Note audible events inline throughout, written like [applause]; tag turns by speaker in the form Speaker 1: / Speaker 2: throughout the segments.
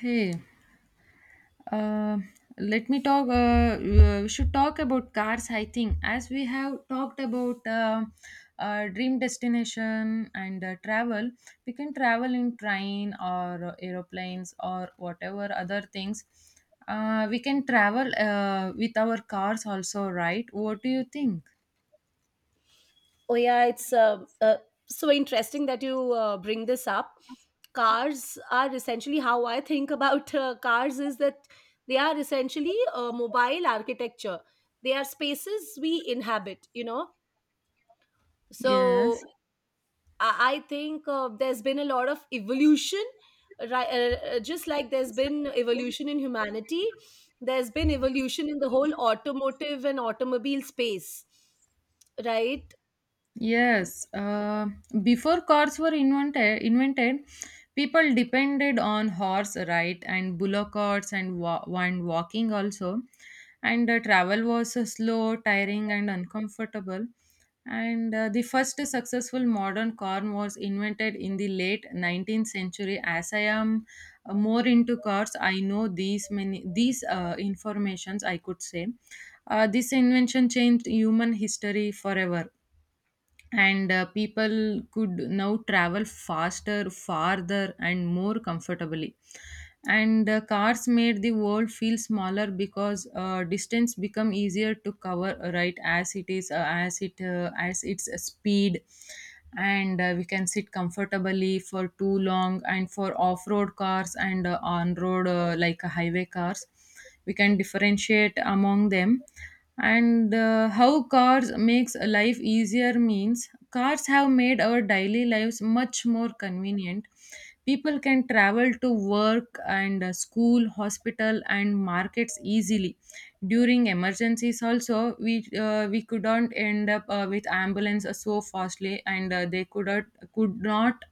Speaker 1: Hey, uh, let me talk. We should talk about cars, I think, as we have talked about dream destination and travel. We can travel in train or aeroplanes or whatever other things. We can travel with our cars also, right? What do you think?
Speaker 2: Oh yeah, it's so interesting that you bring this up. Cars are essentially how I think about cars is that they are essentially mobile architecture. They are spaces we inhabit, you know.
Speaker 1: Yes.
Speaker 2: So I think there's been a lot of evolution, right? Just like there's been evolution in humanity, there's been evolution in the whole automotive and automobile space, right?
Speaker 1: Yes, before cars were invented, people depended on horse, right, and bullock carts and, and walking also. And travel was slow, tiring, and uncomfortable. And the first successful modern car was invented in the late 19th century. As I am more into cars, I know these informations. I could say this invention changed human history forever, and people could now travel faster, farther, and more comfortably. And cars made the world feel smaller because distance become easier to cover, right, as it is as its speed. And we can sit comfortably for too long, and for off-road cars and on-road, like highway cars, we can differentiate among them. And how cars makes life easier means cars have made our daily lives much more convenient. People can travel to work and school, hospital, and markets easily. During emergencies also, we could not end up with ambulance so fastly, and they could not could not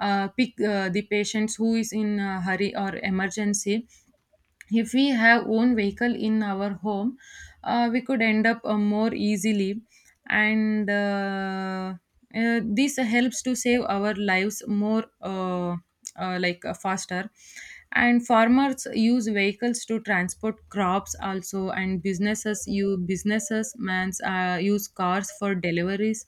Speaker 1: uh, pick the patients who is in a hurry or emergency. If we have own vehicle in our home, we could end up more easily. And This helps to save our lives more like faster. And farmers use vehicles to transport crops also, and businesses mans use cars for deliveries.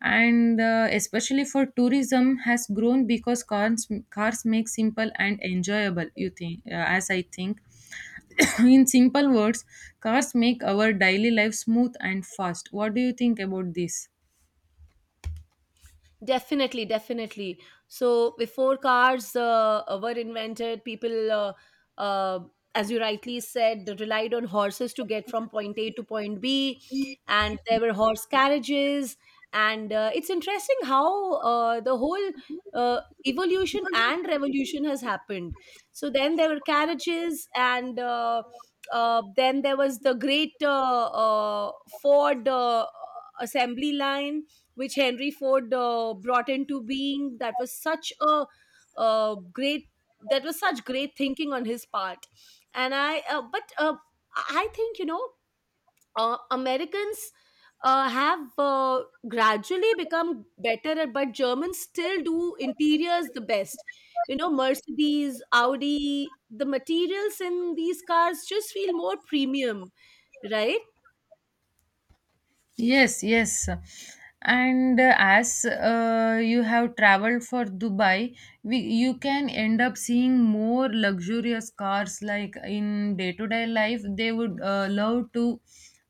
Speaker 1: And especially for
Speaker 2: He
Speaker 1: tourism has grown
Speaker 2: was also a
Speaker 1: because
Speaker 2: member
Speaker 1: cars
Speaker 2: of
Speaker 1: cars
Speaker 2: the
Speaker 1: make
Speaker 2: Society
Speaker 1: simple and
Speaker 2: of
Speaker 1: enjoyable, you
Speaker 2: Artists.
Speaker 1: think, as I think. [coughs] In simple words, cars make our daily life smooth and fast. What do you think about this?
Speaker 2: Definitely, definitely. So before cars were invented, uh, as you rightly said, relied on horses to get from point A to point B, and there were horse carriages. And it's interesting how the whole uh, evolution and revolution has happened. So then there were carriages, and then there was the great Ford assembly line which Henry Ford brought into being. Uh, great that was such great thinking on his part. And I, but I think you know, Americans have gradually become better, at, but Germans still do interiors the best. You know, Mercedes, Audi, the materials in these cars just feel more premium, right?
Speaker 1: Yes, yes. And as you have traveled for Dubai, you can end up seeing more luxurious cars, like in day-to-day life they would love to.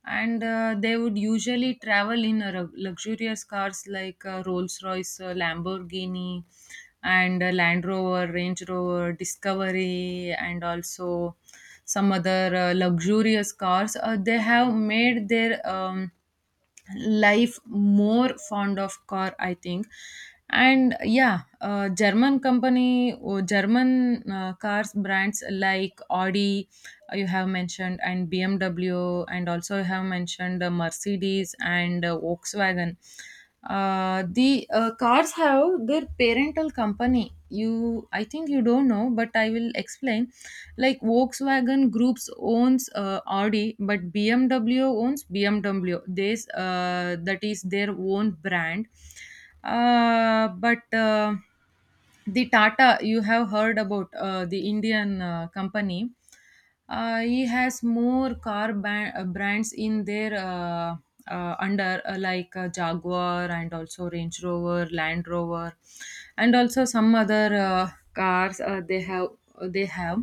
Speaker 1: And they would usually travel in a luxurious cars like Rolls-Royce, Lamborghini, and Land Rover, Range Rover, Discovery, and also some other luxurious cars. They have made their life more fond of car, I think. And yeah, German company or German cars brands like Audi, you have mentioned, and BMW, and also you have mentioned Mercedes and Volkswagen. The cars have their parental company. You I think you don't know, but I will explain. Like Volkswagen groups owns Audi, but BMW owns BMW, this that is their own brand. But The Tata, you have heard about the Indian company. He has more brands in their under, like Jaguar, and also Range Rover, Land Rover, and also some other cars they have.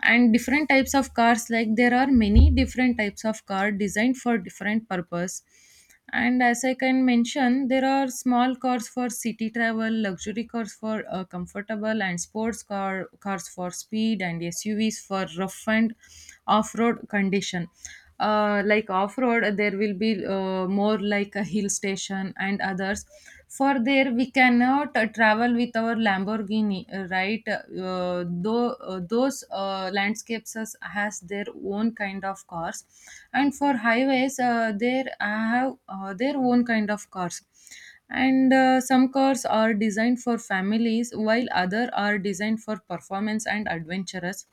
Speaker 1: And different types of cars, like there are many different types of car designed for different purpose. And as I can mention, there are small cars for city travel, luxury cars for comfortable, and sports cars for speed, and SUVs for rough and off-road condition. Like off-road, there will be more like a hill station and others. For there we cannot travel with our Lamborghini, right, though those landscapes has their own kind of cars. And for highways, there have their own kind of cars. And some cars are designed for families, while other are designed for performance and adventurous.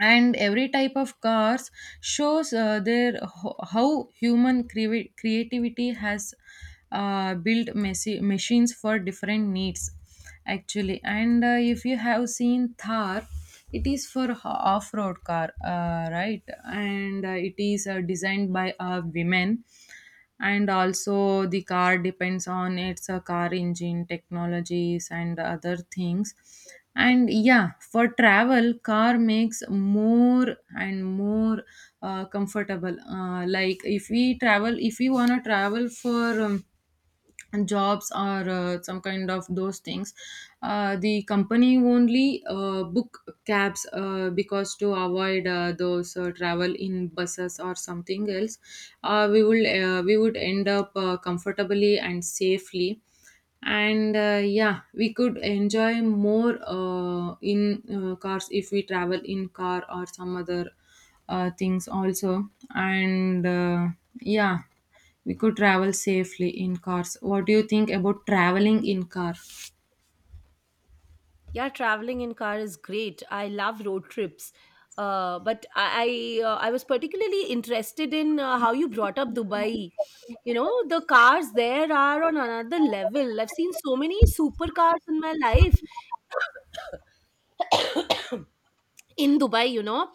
Speaker 1: And every type of cars shows how human creativity has built machines for different needs, actually. And if you have seen Thar, it is for off-road car, right, and it is designed by a women. And also the car depends on its car engine technologies and other things. And yeah, for travel, car makes more and more comfortable. Like if we travel, if we want to travel for jobs or some kind of those things, the company only book cabs because to avoid those travel in buses or something else. We would end up comfortably and safely. And yeah, we could enjoy more in cars if we travel in car or some other things also. And yeah, we could travel safely in cars. What do you think about traveling in car?
Speaker 2: Yeah, traveling in car is great. I love road trips. But I was particularly interested in how you brought up Dubai. You know, the cars there are on another level. I've seen so many supercars in my life, in Dubai, you know.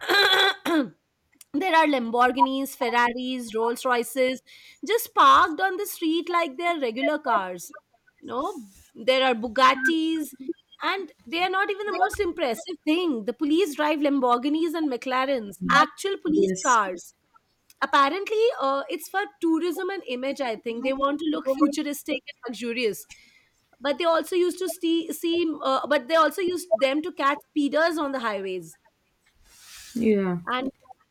Speaker 2: [coughs] [clears throat] There are Lamborghinis, Ferraris, Rolls Royces just parked on the street like they're regular cars. You know, there are Bugattis, and they are not even the most impressive thing. The police drive Lamborghinis and McLarens, actual police
Speaker 1: Yes.
Speaker 2: cars. Apparently, it's for tourism and image, I think. They want to look futuristic and luxurious, but they also used to see, see but they also used them to catch speeders on the highways.
Speaker 1: Yeah.
Speaker 2: And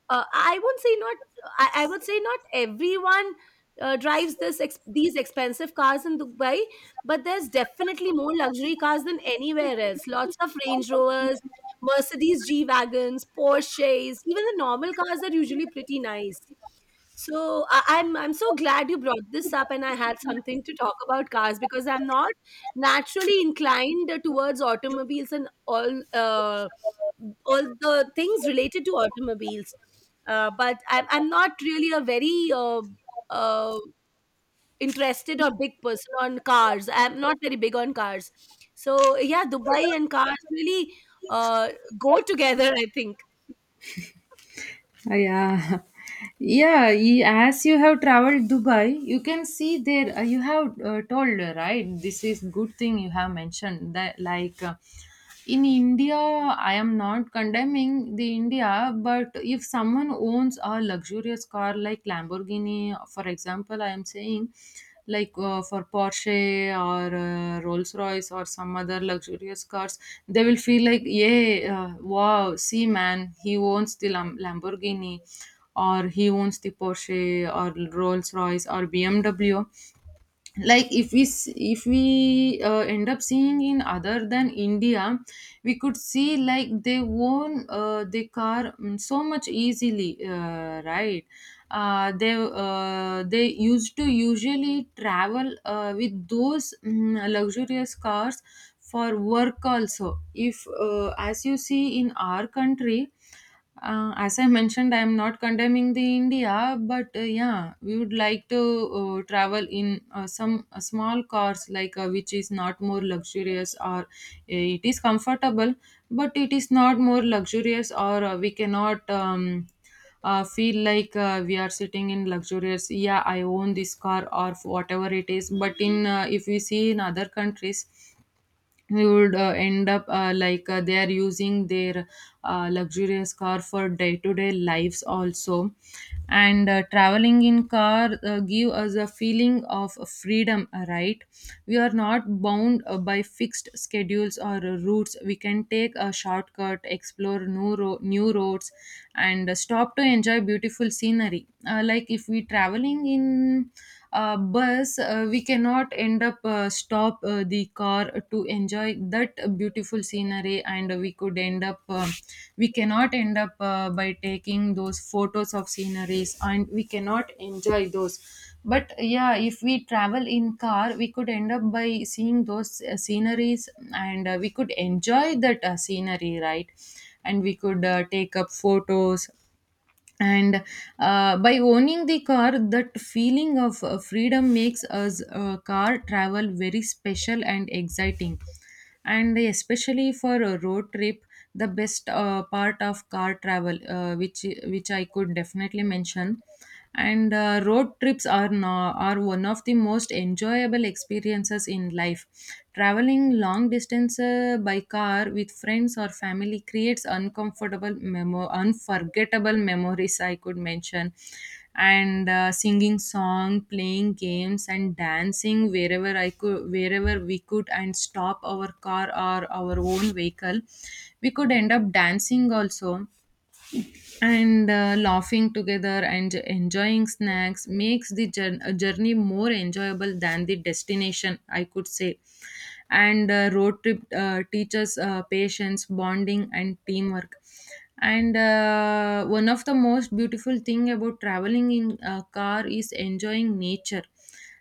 Speaker 2: uh, i would say not I would say not everyone these expensive cars in Dubai, but there's definitely more luxury cars than anywhere else. Lots of Range Rovers, Mercedes G Wagons, Porsches. Even the normal cars are usually pretty nice. So I'm so glad you brought this up, and I had something to talk about cars because I'm not naturally inclined towards automobiles and all the things related to automobiles. But I'm not really a very uh, interested or big person on cars. I'm not very big on cars. So, yeah, Dubai and cars really uh, go together, I think.
Speaker 1: Yeah. [laughs] Yeah. As you have traveled Dubai, you can see there, you have told, right? This is good thing you have mentioned that, like. In India, I am not condemning the India, but if someone owns a luxurious car like Lamborghini, for example I am saying, like for Porsche or Rolls Royce or some other luxurious cars, they will feel like, yeah, uh, wow, see, man, he owns the Lamborghini, or he owns the Porsche, or Rolls Royce, or BMW. Like if if we end up seeing in other than India, we could see like they own the car, mm, so much easily, right. They used to usually travel with those, mm, luxurious cars for work also. If as you see in our country, as I mentioned, I am not condemning the India, but yeah, we would like to travel in some small cars, like which is not more luxurious, or it is comfortable, but it is not more luxurious. Or we cannot feel like we are sitting in luxurious. Yeah, I own this car or whatever it is. But in, if we see in other countries, we would end up like they are using their luxurious car for day to day lives also. And traveling in car give us a feeling of freedom, right? We are not bound by fixed schedules or routes. We can take a shortcut, explore new roads, and stop to enjoy beautiful scenery. Like if we traveling in bus, we cannot end up stop the car to enjoy that beautiful scenery, and we cannot end up by taking those photos of sceneries, and we cannot enjoy those. But yeah, if we travel in car, we could end up by seeing those sceneries, and we could enjoy that scenery, right? And we could take up photos. And by owning the car, that feeling of freedom makes us car travel very special and exciting, and especially for a road trip, the best part of car travel, which I could definitely mention. And road trips are no, are one of the most enjoyable experiences in life. Traveling long distance by car with friends or family creates unforgettable memories, I could mention. And singing song, playing games, and dancing wherever I could wherever we could, and stop our car or our own vehicle, we could end up dancing also. And laughing together and enjoying snacks makes the journey more enjoyable than the destination, I could say. And road trip teaches patience, bonding, and teamwork. And one of the most beautiful thing about traveling in a car is enjoying nature.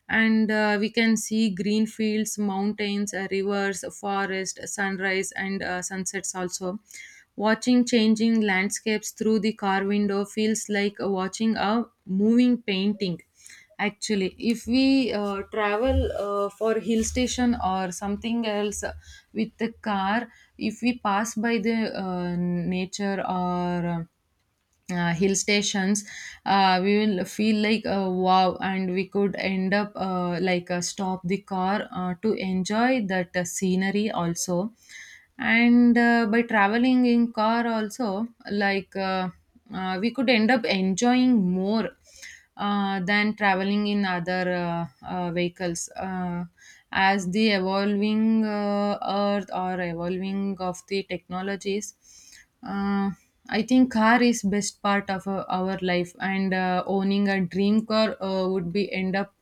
Speaker 1: And we can see green fields, mountains, rivers, forest, sunrise, and sunsets also. Watching changing landscapes through the car window feels like watching a moving painting. Actually, if we travel for hill station or something else, with the car, if we pass by the nature or hill stations, we will feel like wow, and we could end up like stop the car to enjoy that scenery also. And by traveling in car also, like we could end up enjoying more than traveling in other vehicles. As the evolving earth or evolving of the technologies, uh, I think car is best part of our life. And owning a dream car would be end up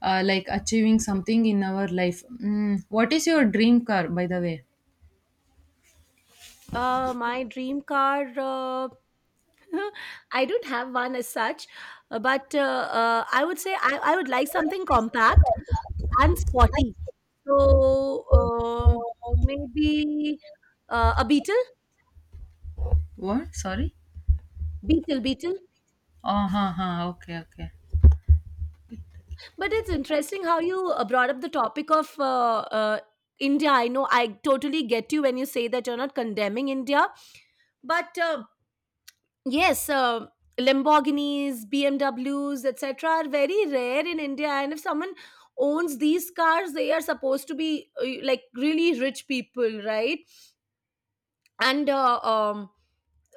Speaker 1: like achieving something in our life. Mm, what is your dream car, by the way?
Speaker 2: My dream car, [laughs] I don't have one as such, but I would say I would like something compact and sporty. So, maybe a Beetle.
Speaker 1: What? Sorry.
Speaker 2: Beetle, beetle.
Speaker 1: Oh, ha, ha. Okay, okay.
Speaker 2: But it's interesting how you brought up the topic of India. I know I totally get you when you say that you're not condemning India, but yes, Lamborghinis, BMWs, etc., are very rare in India. And if someone owns these cars, they are supposed to be like really rich people, right? And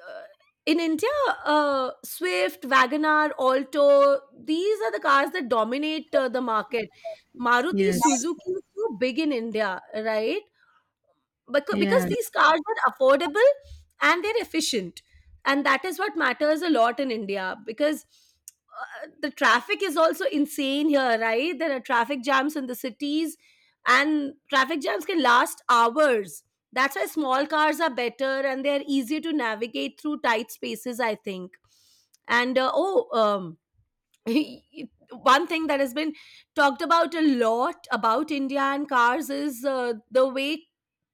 Speaker 2: uh, in India, Swift, Wagonar, Alto, these are the cars that dominate the market. Maruti,
Speaker 1: Yes.
Speaker 2: Suzuki is so big in India, right? Because
Speaker 1: Yes.
Speaker 2: these cars are affordable and they're efficient, and that is what matters a lot in India because the traffic is also insane here, right? There are traffic jams in the cities, and traffic jams can last hours. That's why small cars are better, and they're easier to navigate through tight spaces, I think. And um [laughs] one thing that has been talked about a lot about India and cars is the way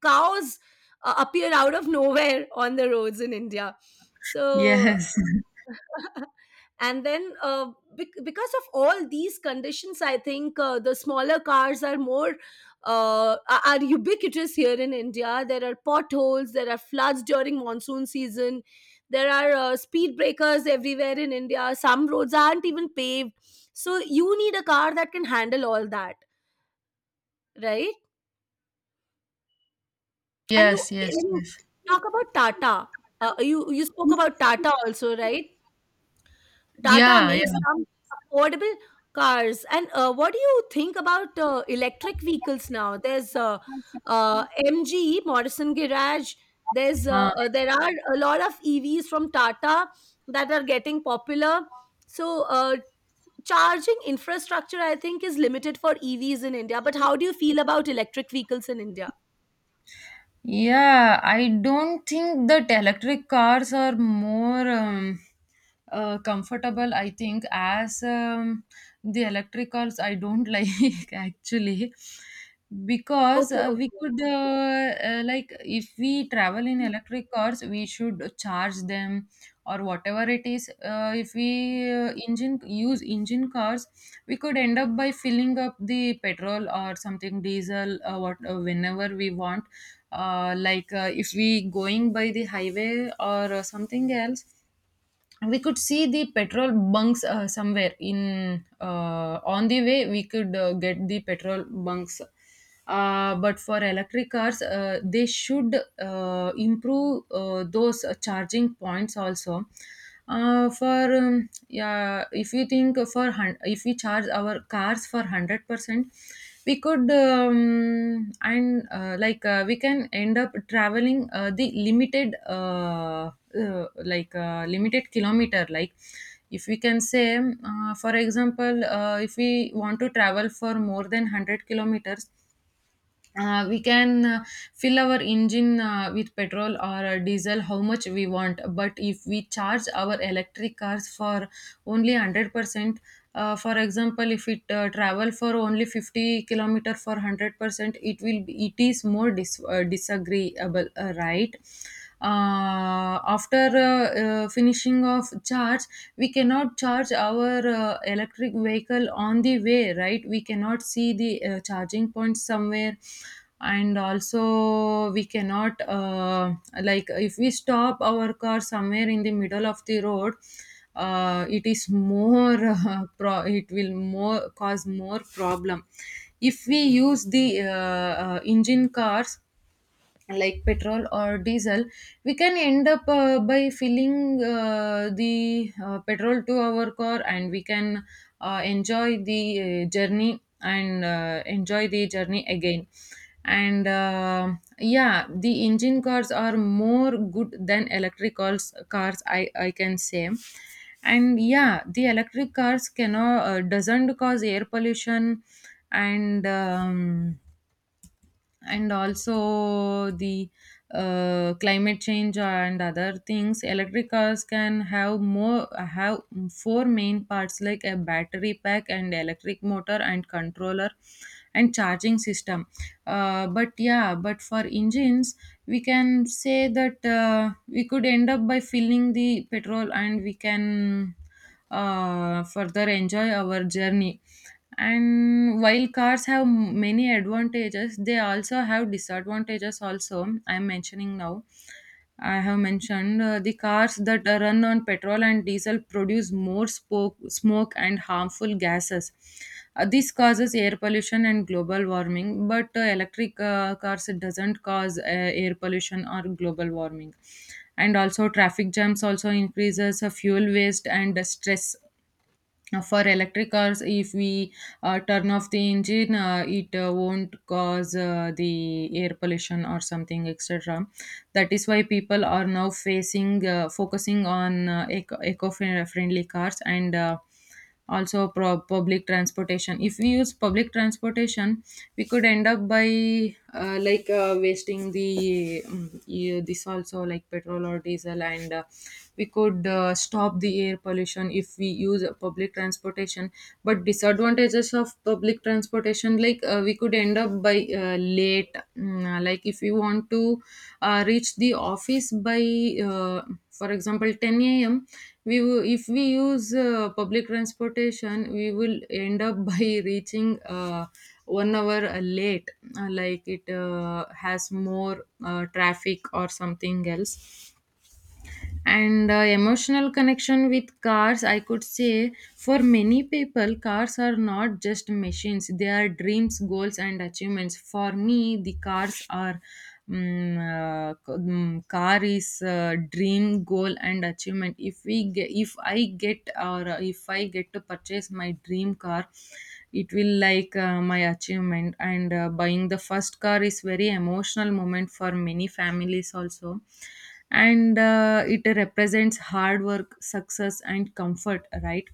Speaker 2: cows appear out of nowhere on the roads in India. So
Speaker 1: Yes. [laughs]
Speaker 2: [laughs] and then because of all these conditions I think the smaller cars are more are ubiquitous here in India. There are potholes, there are floods during monsoon season, there are speed breakers everywhere in India, some roads aren't even paved. So you need a car that can handle all that, right? And you,
Speaker 1: Yes. Yes.
Speaker 2: you
Speaker 1: Yes.
Speaker 2: talk about Tata. You spoke about Tata also, right? Tata
Speaker 1: Yeah.
Speaker 2: makes
Speaker 1: Yeah.
Speaker 2: some affordable cars. And what do you think about electric vehicles now? There's MG, Morrison Garage. There's
Speaker 1: Uh,
Speaker 2: there are a lot of EVs from Tata that are getting popular. So charging infrastructure, I think, is limited for EVs in India. But how do you feel about electric vehicles in India?
Speaker 1: Yeah, I don't think that electric cars are more comfortable. I think as the electric cars, I don't [laughs] like actually because
Speaker 2: Okay,
Speaker 1: we could like if we travel in
Speaker 2: okay.
Speaker 1: electric cars, we should charge them or whatever it is. If we engine use engine cars, we could end up by filling up the petrol or something diesel, what whenever we want, if we going by the highway or something else, we could see the petrol bunks somewhere in on the way. We could get the petrol bunks, but for electric cars they should improve those charging points also. Uh, for um, yeah if you think for if we charge our cars for 100%, we could and like we can end up traveling the limited, uh, limited kilometer. Like, if we can say, for example, if we want to travel for more than 100 kilometers, we can fill our engine with petrol or diesel how much we want. But if we charge our electric cars for only 100%, for example, if it travel for only 50 kilometer for 100%, it will be, it is more disagreeable, right? After finishing of charge, we cannot charge our electric vehicle on the way, right? We cannot see the charging point somewhere. And also we cannot, like, if we stop our car somewhere in the middle of the road, it is more [laughs] it will more cause more problem. If we use the engine cars, like petrol or diesel, we can end up by filling the petrol to our car, and we can enjoy the journey and enjoy the journey again. And yeah, the engine cars are more good than electric cars, I can say. And yeah, the electric cars cannot, doesn't cause air pollution. And um, and also the climate change and other things. Electric cars can have more have four main parts, like a battery pack and electric motor and controller and charging system. But yeah, but for engines, we can say that we could end up by filling the petrol, and we can further enjoy our journey. And while cars have many advantages, they also have disadvantages. Also, I'm mentioning now. I have mentioned the cars that are run on petrol and diesel produce more smoke and harmful gases. This causes air pollution and global warming, but electric cars doesn't cause air pollution or global warming. And also traffic jams also increases fuel waste and stress. Now, for electric cars, if we turn off the engine, it won't cause the air pollution or something, etc. That is why people are now facing, focusing on eco-friendly cars, and also public transportation. If we use public transportation, we could end up by wasting the yeah, this also, like petrol or diesel, and we could stop the air pollution if we use public transportation. But disadvantages of public transportation, like, we could end up by late. Like, if you want to reach the office by, uh, for example, 10 a.m, we will, if we use public transportation, we will end up [laughs] by reaching 1 hour late. Like it has more traffic or something else. And emotional connection with cars, I could say, for many people, cars are not just machines, they are dreams, goals and achievements. For me, the cars are mm, car is dream, goal and achievement. If we get, if I get, or if I get to purchase my dream car, it will like my achievement. And buying the first car is very emotional moment for many families also. And it represents hard work, success and comfort, right?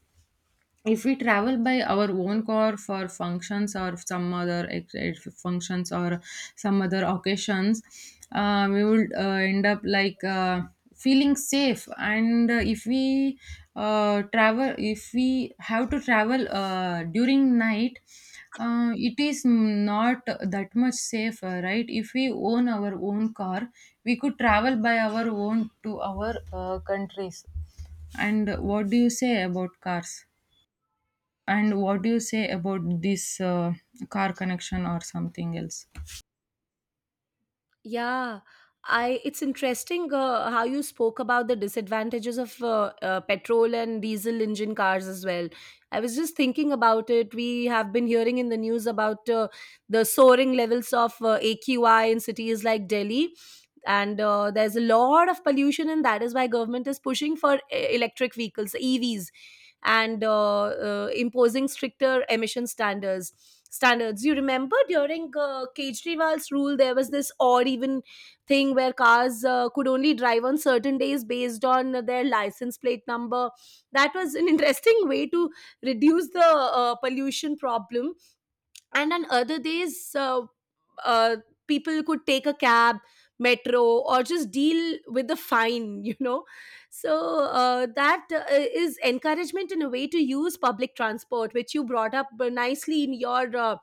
Speaker 1: If we travel by our own car for functions or some other functions or some other occasions, we would end up like feeling safe. And if we travel, if we have to travel during night, it is not that much safer, right? If we own our own car, we could travel by our own to our countries. And what do you say about cars? And what do you say about this car connection or something else?
Speaker 2: Yeah, I it's interesting how you spoke about the disadvantages of petrol and diesel engine cars as well. I was just thinking about it. We have been hearing in the news about the soaring levels of AQI in cities like Delhi. And there's a lot of pollution, and that is why government is pushing for electric vehicles, EVs, and imposing stricter emission standards. You remember during Kejriwal's rule there was this odd even thing where cars could only drive on certain days based on their license plate number. That was an [laughs] interesting way to reduce the pollution problem. And on other days uh, people could take a cab, metro, or just deal with the fine [laughs] you know. So that is encouragement in a way to use public transport, which you brought up nicely in your uh,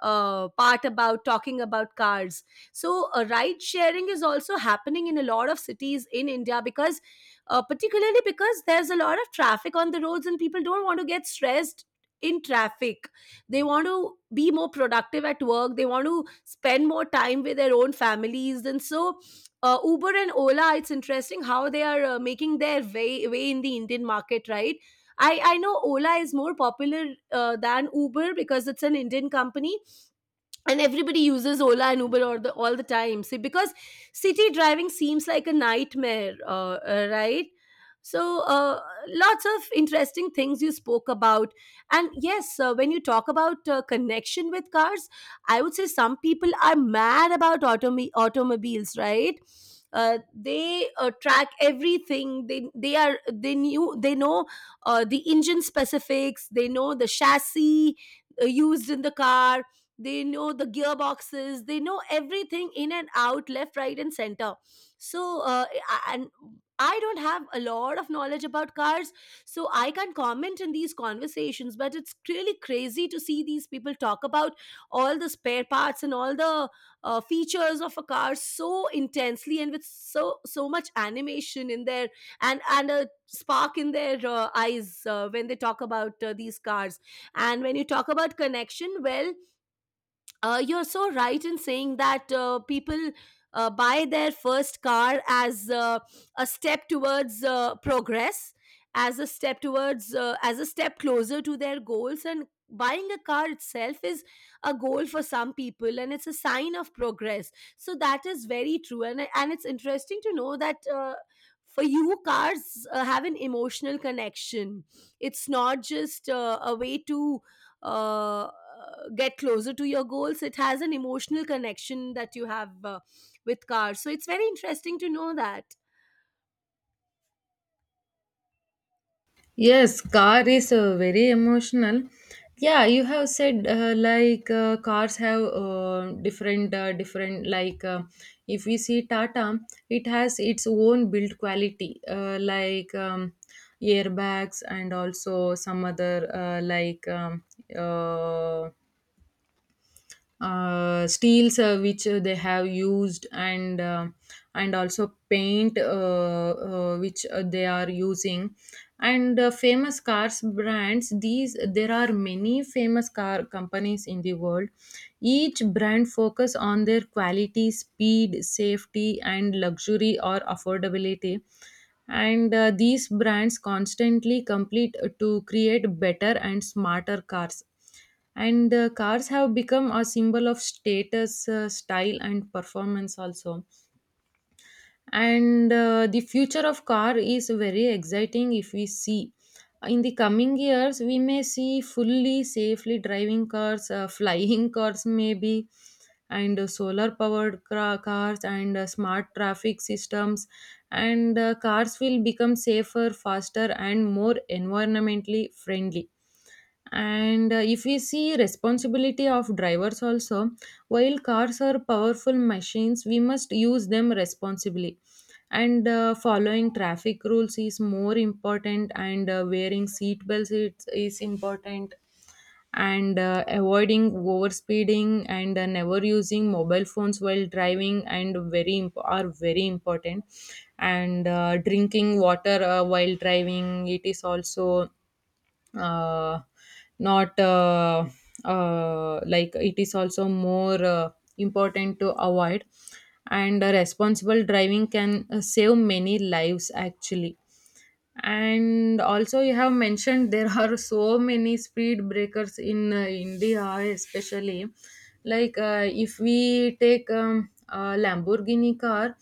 Speaker 2: uh, part about talking about cars. So ride sharing is also happening in a lot of cities in India because particularly because there's a lot of traffic on the roads and people don't want to get stressed in traffic. They want to be more productive at work. They want to spend more time with their own families. And so, Uber and Ola, it's interesting how they are making their way in the Indian market, right? I know Ola is more popular than Uber because it's an Indian company, and everybody uses Ola and Uber all the time. See, because city driving seems like a nightmare, right? So lots of interesting things you spoke about. And yes, when you talk about connection with cars, I would say some people are mad about automobiles, right? They track everything. They know the engine specifics, they know the chassis used in the car, they know the gearboxes, they know everything in and out, left, right, and center. So I- and I don't have a lot of knowledge about cars, so I can't comment in these conversations, but it's really crazy to see these people talk about all the spare parts and all the features of a car so intensely and with so much animation in there, and a spark in their eyes when they talk about these cars. And when you talk about connection, well, you're so right in saying that people buy their first car as a step towards progress, as a step as a step closer to their goals. And buying a car itself is a goal for some people, and it's a sign of progress. So that is very true. And, and it's interesting to know that. For you, cars have an emotional connection. It's not just a way to uh, get closer to your goals. It has an emotional connection that you have with cars. So it's very interesting to know that.
Speaker 1: Yes, car is very emotional. Yeah, you have said like cars have different, like, if we see Tata, it has its own build quality, airbags and also some other, uh, steels which they have used. And and also paint which they are using. And famous cars brands, these, there are many famous car companies in the world. Each brand focus on their quality, speed, safety and luxury or affordability. And these brands constantly complete to create better and smarter cars. And cars have become a symbol of status, style and performance also. And the future of car is very exciting. If we see, in the coming years, we may see fully safely driving cars, [laughs] flying cars maybe, and solar powered cars, and smart traffic systems. And cars will become safer, faster and more environmentally friendly. And if we see responsibility of drivers also, while cars are powerful machines, we must use them responsibly. And following traffic rules is more important. And wearing seat belts is important. And avoiding overspeeding and never using mobile phones while driving are very important. And drinking water while driving, it is also uh, not like it is also more important to avoid. And responsible driving can save many lives actually. And also you have mentioned [laughs] there are so many speed breakers in india, especially. Like, if we take a lamborghini car,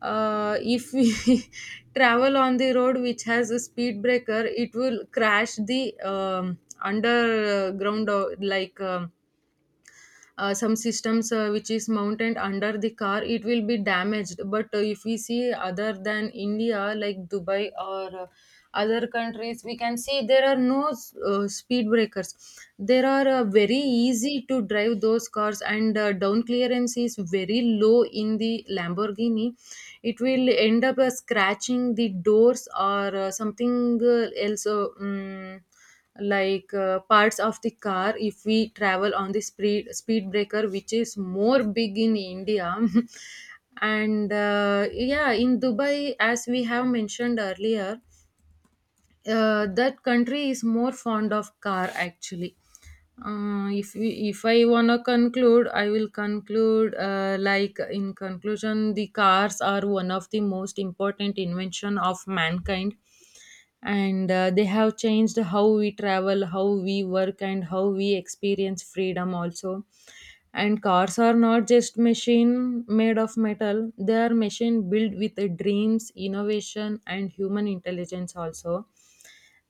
Speaker 1: if we [laughs] travel on the road which has a speed breaker, it will crash the underground, some systems which is mounted under the car, it will be damaged. But if we see other than india, like dubai or other countries, we can see there are no speed breakers. There are very easy to drive those cars. And down clearance is very low in the lamborghini, it will end up scratching the doors or something else, like parts of the car, if we travel on the speed breaker which is more big in india. [laughs] And yeah, in dubai, as we have mentioned earlier, that country is more fond of car actually. If we, if I wanna conclude, I will conclude like, in conclusion, the cars are one of the most important invention of mankind. And they have changed how we travel, how we work and how we experience freedom also. And cars are not just machine made of metal, they are machine built with dreams, innovation and human intelligence also.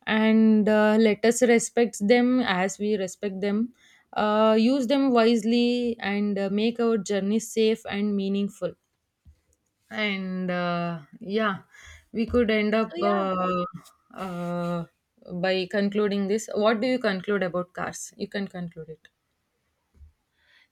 Speaker 1: And let us respect them as we respect them, use them wisely and make our journey safe and meaningful. And yeah, we could end up
Speaker 2: So yeah,
Speaker 1: uh, by concluding this. What do you conclude about cars? You can conclude it.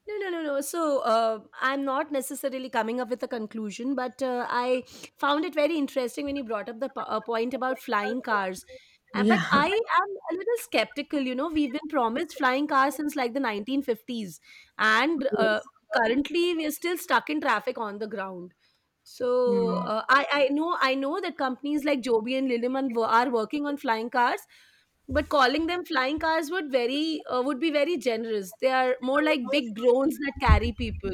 Speaker 2: no, no, no, no. So I'm not necessarily coming up with a conclusion, but I found it very interesting when you brought up the point about flying cars. But
Speaker 1: Yeah.
Speaker 2: I
Speaker 1: [laughs]
Speaker 2: am a little skeptical. You know, we've been promised flying cars since like the 1950s, and
Speaker 1: Yes.
Speaker 2: currently we are still stuck in traffic on the ground. So
Speaker 1: Hmm.
Speaker 2: I know I know that companies like Joby and Lilleman are working on flying cars, but calling them flying cars would very would be very generous. They are more like big drones that carry people.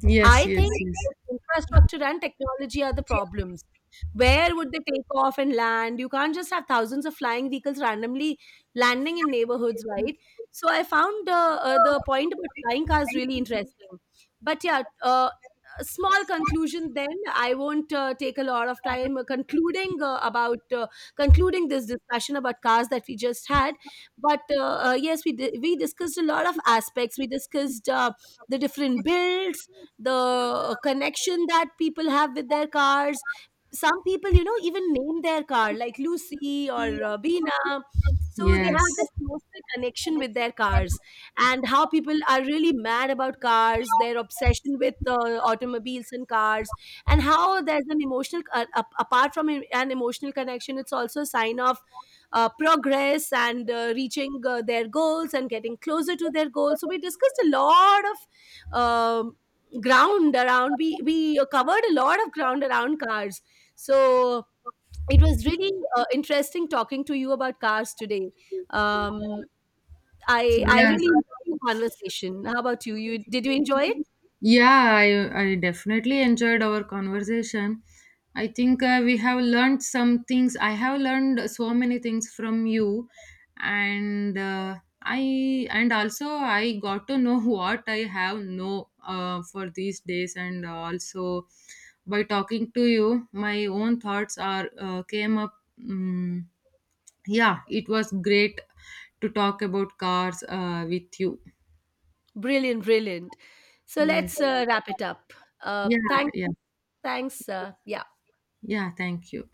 Speaker 1: Yes,
Speaker 2: I
Speaker 1: yes,
Speaker 2: think
Speaker 1: yes.
Speaker 2: both infrastructure and technology are the problems. Where would they take off and land? You can't just have thousands of flying vehicles randomly landing in neighborhoods, right? So I found the point about flying cars really interesting. But yeah, a small conclusion then. I won't take a lot of time concluding this discussion about cars that we just had. But yes, we discussed a lot of aspects. We discussed the different builds, the connection that people have with their cars. Some people, you know, even name their car like Lucy or Bina. So they
Speaker 1: Yes.
Speaker 2: have this emotional connection with their cars, and how people are really mad about cars, their obsession with automobiles and cars, and how there's an apart from an emotional connection, it's also a sign of progress and reaching their goals and getting closer to their goals. So we discussed a lot of Ground around we covered a lot of ground around cars. So it was really interesting talking to you about cars today. Um, I
Speaker 1: Yes.
Speaker 2: really enjoyed the conversation. How about you? Did you enjoy it?
Speaker 1: Yeah, I definitely enjoyed our conversation. I think we have learned some things. I have learned so many things from you. And I, and also I got to know [laughs] what I have no for these days. And also, by talking to you, my own thoughts are came up. Yeah, it was great to talk about cars with you.
Speaker 2: Brilliant, brilliant. So
Speaker 1: Yes.
Speaker 2: let's wrap it up. Uh,
Speaker 1: Yeah.
Speaker 2: thanks,
Speaker 1: Yeah.
Speaker 2: thanks. Yeah.
Speaker 1: Yeah. Thank you.